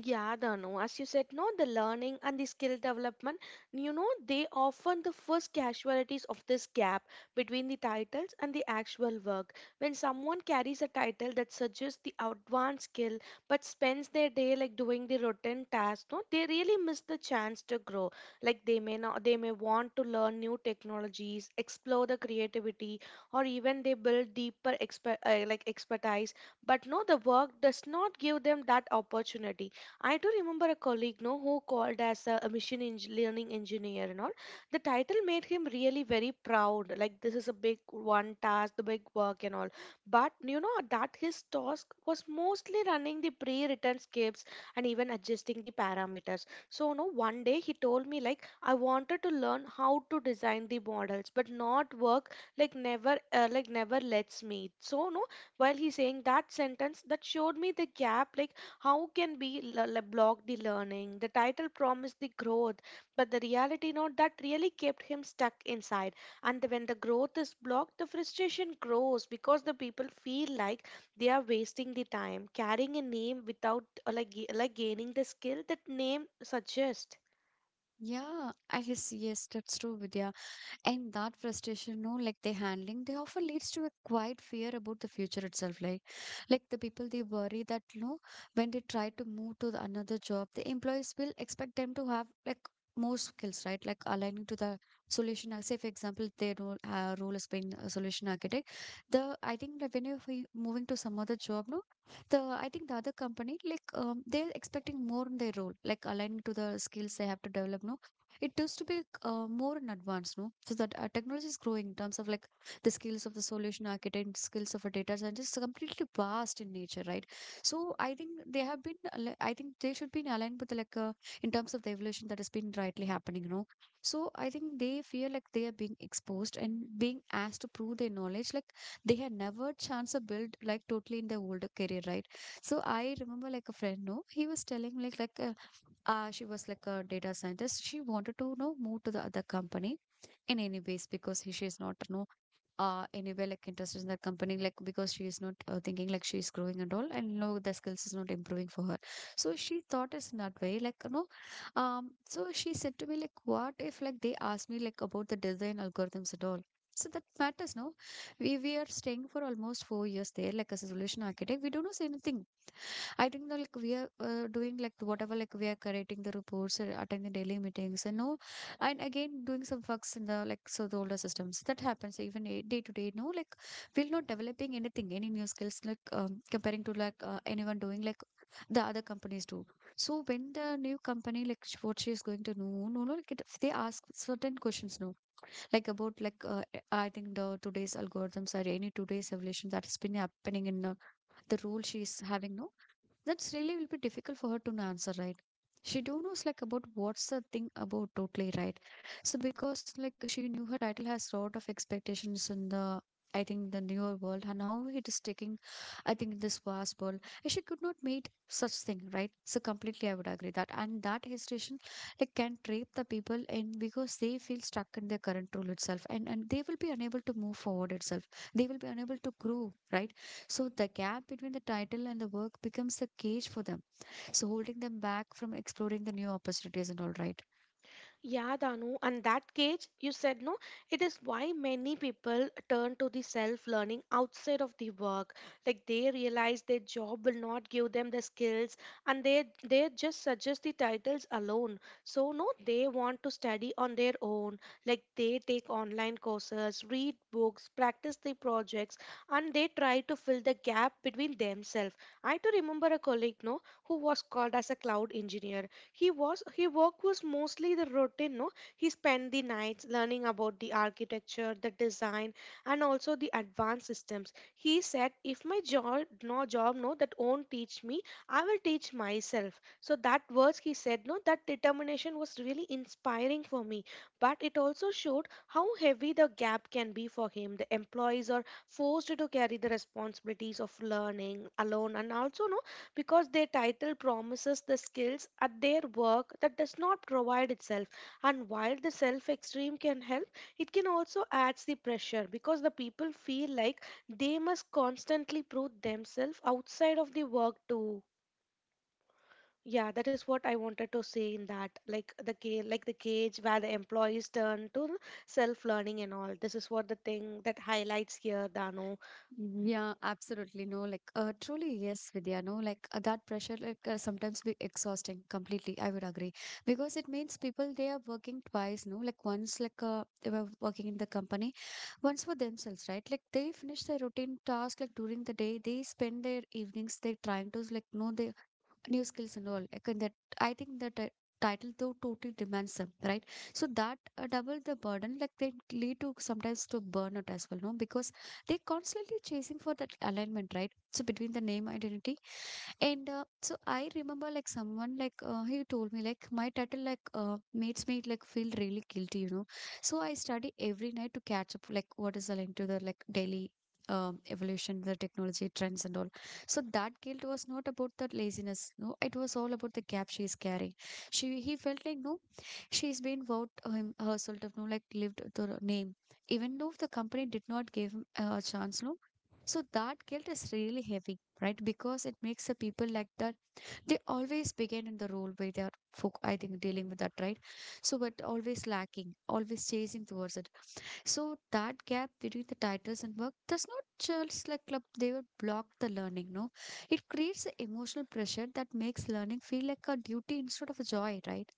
Yeah, Dhanu, as you said, no, the learning and the skill development, you know, they often the first casualties of this gap between the titles and the actual work. When someone carries a title that suggests the advanced skill but spends their day like doing the routine tasks, no, they really miss the chance to grow. Like they may not, they may want to learn new technologies, explore the creativity, or even they build deeper expertise. But no, the work does not give them that opportunity. I do remember a colleague, no, who called as a machine learning engineer and all. The title made him really very proud. Like this is a big one task, the big work and all. But you know that his task was mostly running the pre-written scripts and even adjusting the parameters. So no, one day he told me like I wanted to learn how to design the models, but not work like never lets me. So no, while he's saying that sentence, that showed me the gap like how can we block the learning? The title promised the growth, but the reality note that really kept him stuck inside. And when the growth is blocked, the frustration grows because the people feel like they are wasting the time carrying a name without like gaining the skill that name suggests.
Yeah, I guess yes, that's true, Vidya. And that frustration, no, like they handling, they often leads to a quiet fear about the future itself. Like the people they worry that when they try to move to the another job, the employees will expect them to have like more skills, right? Like aligning to the solution. Say, for example, their role as being a solution architect. The I think that when you're moving to some other job, no, the I think the other company like they're expecting more in their role, like aligning to the skills they have to develop, no, it needs to be more in advance no. So that technology is growing in terms of like the skills of the solution architect, skills of a data scientist is completely vast in nature, right? So I think they have been I think they should be in aligned with like in terms of the evolution that has been rightly happening. So I think they feel like they are being exposed and being asked to prove their knowledge like they had never chance to build like totally in their older career, right? So I remember like a friend no he was telling like she was like a data scientist. She wanted to move to the other company in any ways because he, she is not anywhere like interested in that company like because she is not thinking like she is growing and all and no the skills is not improving for her. So she thought is in that way like so she said to me like what if like they ask me like about the design algorithms at all. So that matters, no? We are staying for almost 4 years there, like as a solution architect. We don't know say anything. I think that like we are doing like whatever like we are creating the reports, attending daily meetings, and no, and again doing some works in the like so the older systems. So that happens even day to day. No, like we're not developing anything, any new skills like comparing to like anyone doing like the other companies do. So when the new company like what she is going to know, no, no, like it, they ask certain questions, no, like about like I think the today's algorithms or any today's evolution that has been happening in the role she is having. No, that's really will be difficult for her to answer, right? She don't knows like about what's the thing about totally, right? So because like she knew her title has lot of expectations in the I think the newer world and how it is taking I think in this vast world, and she could not meet such thing, right? So completely I would agree that. And that hesitation like can trap the people in because they feel stuck in their current role itself, and they will be unable to move forward itself, they will be unable to grow, right? So the gap between the title and the work becomes a cage for them, so holding them back from exploring the new opportunities and all, right?
Yeah, Danu, and that cage you said no, it is why many people turn to the self learning outside of the work. Like they realize their job will not give them the skills and they just suggest the titles alone. So no, they want to study on their own. Like they take online courses, read books, practice the projects, and they try to fill the gap between themselves. I too remember a colleague no who was called as a cloud engineer. He was he work was mostly the routine, no? He spent the nights learning about the architecture, the design, and also the advanced systems. He said, if my job no that won't teach me, I will teach myself. So that words he said no, that determination was really inspiring for me. But it also showed how heavy the gap can be for him. The employees are forced to carry the responsibilities of learning alone, and also no, because their title promises the skills at their work that does not provide itself. And while the self extreme can help, it can also adds the pressure because the people feel like they must constantly prove themselves outside of the work too. Yeah, that is what I wanted to say in that, like the cage, like the cage where the employees turn to self learning and all. This is what the thing that highlights here, Dano.
Mm, yeah, absolutely. No, like, truly, yes, Vidya. No, like that pressure, like, sometimes be exhausting completely. I would agree because it means people they are working twice. No, like once, like, they were working in the company, once for themselves, right? Like, they finish their routine task, like, during the day, they spend their evenings, they trying to, like, no, they new skills and all. Like, and that I think the title though totally demands them, right? So that double the burden, like they lead to sometimes to burnout as well, no? Because they're constantly chasing for that alignment, right? So between the name identity and so I remember like someone like he told me like my title like makes me like feel really guilty. So I study every night to catch up like what is aligned to the like daily evolution, the technology trends and all. So that guilt was not about the laziness, no. It was all about the gap she is carrying. She he felt like no, she's been vowed him herself to no like lived the name, even though the company did not give him a chance, no. So that guilt is really heavy, right? Because it makes the people like that. They always begin in the role where they are, foc I think, dealing with that, right? So, but always lacking, always chasing towards it. So, that gap between the titles and work does not just like club, they will block the learning, no? It creates an emotional pressure that makes learning feel like a duty instead of a joy, right?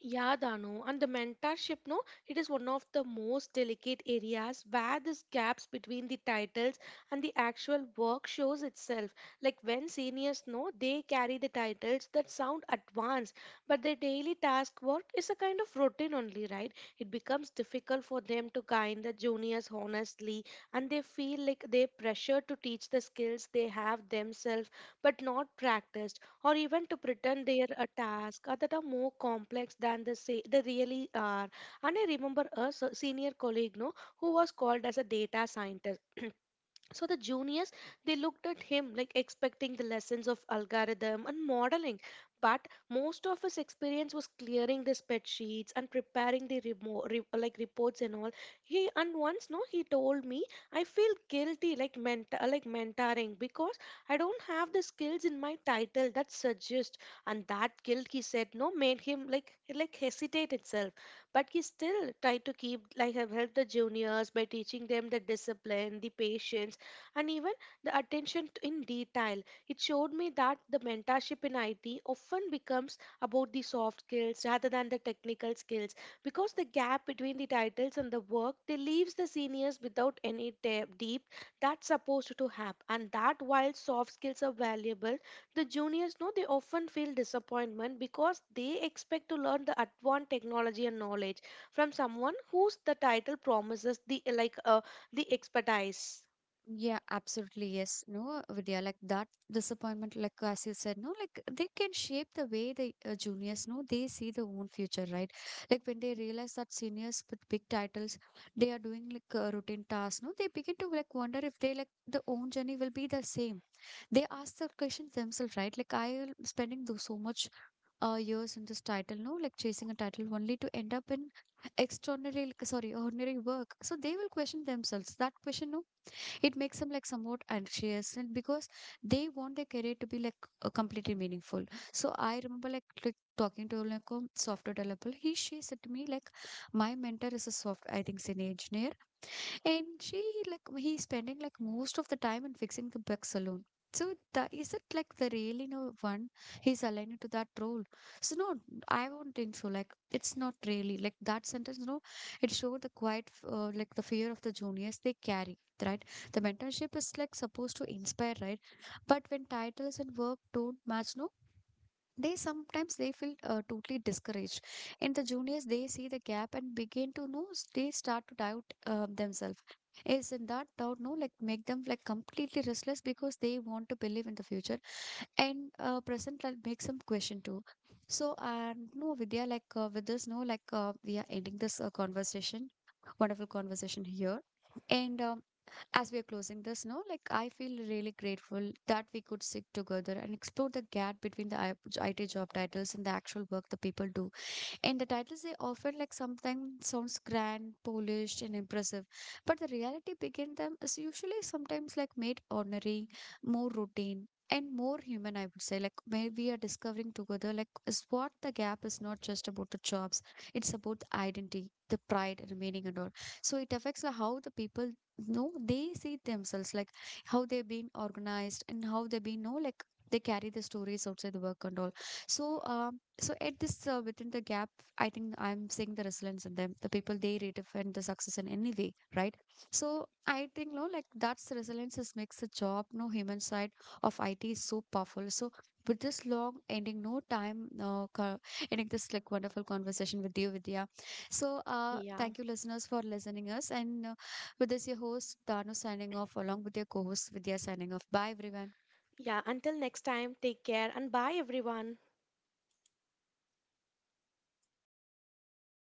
Yeah, Dano, and the mentorship, no, it is one of the most delicate areas where these gaps between the titles and the actual work shows itself. Like when seniors know they carry the titles that sound advanced, but their daily task work is a kind of routine only, right? It becomes difficult for them to guide the juniors honestly, and they feel like they're pressured to teach the skills they have themselves but not practiced, or even to pretend they are a task that are more complex than they say they really are. And I remember a senior colleague, no, who was called as a data scientist. So the juniors, they looked at him like expecting the lessons of algorithm and modeling. But most of his experience was clearing the spreadsheets and preparing the like reports and all. He, and once no, he told me I feel guilty like mentoring because I don't have the skills in my title that suggest. And that guilt, he said, no, made him like hesitate itself. But he still tried to keep like have helped the juniors by teaching them the discipline, the patience, and even the attention in detail. It showed me that the mentorship in IT often becomes about the soft skills rather than the technical skills, because the gap between the titles and the work they leaves the seniors without any deep that's supposed to have. And that while soft skills are valuable, the juniors know they often feel disappointment because they expect to learn the advanced technology and knowledge from someone whose the title promises the the expertise.
Yeah, absolutely. Yes. No, Vidya, like that disappointment, like as you said, no, like they can shape the way the juniors, no, they see their own future, right? Like when they realize that seniors with big titles, they are doing like routine tasks, no, they begin to like wonder if they like the own journey will be the same. They ask the questions themselves, right? Like I am spending so much years in this title, no, like chasing a title only to end up in extraordinary, like, sorry, ordinary work. So they will question themselves. That question, no, it makes them like somewhat anxious, and because they want their career to be like completely meaningful. So I remember like talking to like a software developer, he she said to me like my mentor is a soft, I think is an engineer, and she like he's spending like most of the time in fixing the Beck's alone. So that is it, like the really no one he's aligned to that role. So no, I won't think so. Like it's not really like that sentence. No, it showed the quiet like the fear of the juniors they carry. Right, the mentorship is like supposed to inspire, right? But when titles and work don't match, no, they sometimes they feel totally discouraged, and the juniors they see the gap and begin to know they start to doubt themselves. Is in that doubt no like make them like completely restless, because they want to believe in the future, and present like makes them question too. So and no Vidya, like with this no like we are ending this conversation, wonderful conversation here, and as we are closing this now, like I feel really grateful that we could sit together and explore the gap between the IT job titles and the actual work the people do. In the titles, they often like something sounds grand, polished, and impressive, but the reality behind them is usually sometimes like made ordinary, more routine. And more human, I would say. Like, where we are discovering together, like, is what the gap is not just about the jobs, it's about the identity, the pride, and meaning, and all. So, it affects like, how the people know they see themselves, like, how they've been organized and how they've been, no, like, they carry the stories outside the work and all. So, at this within the gap I think I'm seeing the resilience in them, the people they redefine the success in any way, right? So I think, no, like that's the resilience is makes the job, no human side of IT is so powerful. So with this long ending, no time, no, ending this like wonderful conversation with you, Vidya. So
Yeah.
thank you, listeners, for listening us. And with this, your host Danu signing off, along with your co-host Vidya signing off. Bye, everyone.
Yeah, until next time, take care and bye everyone.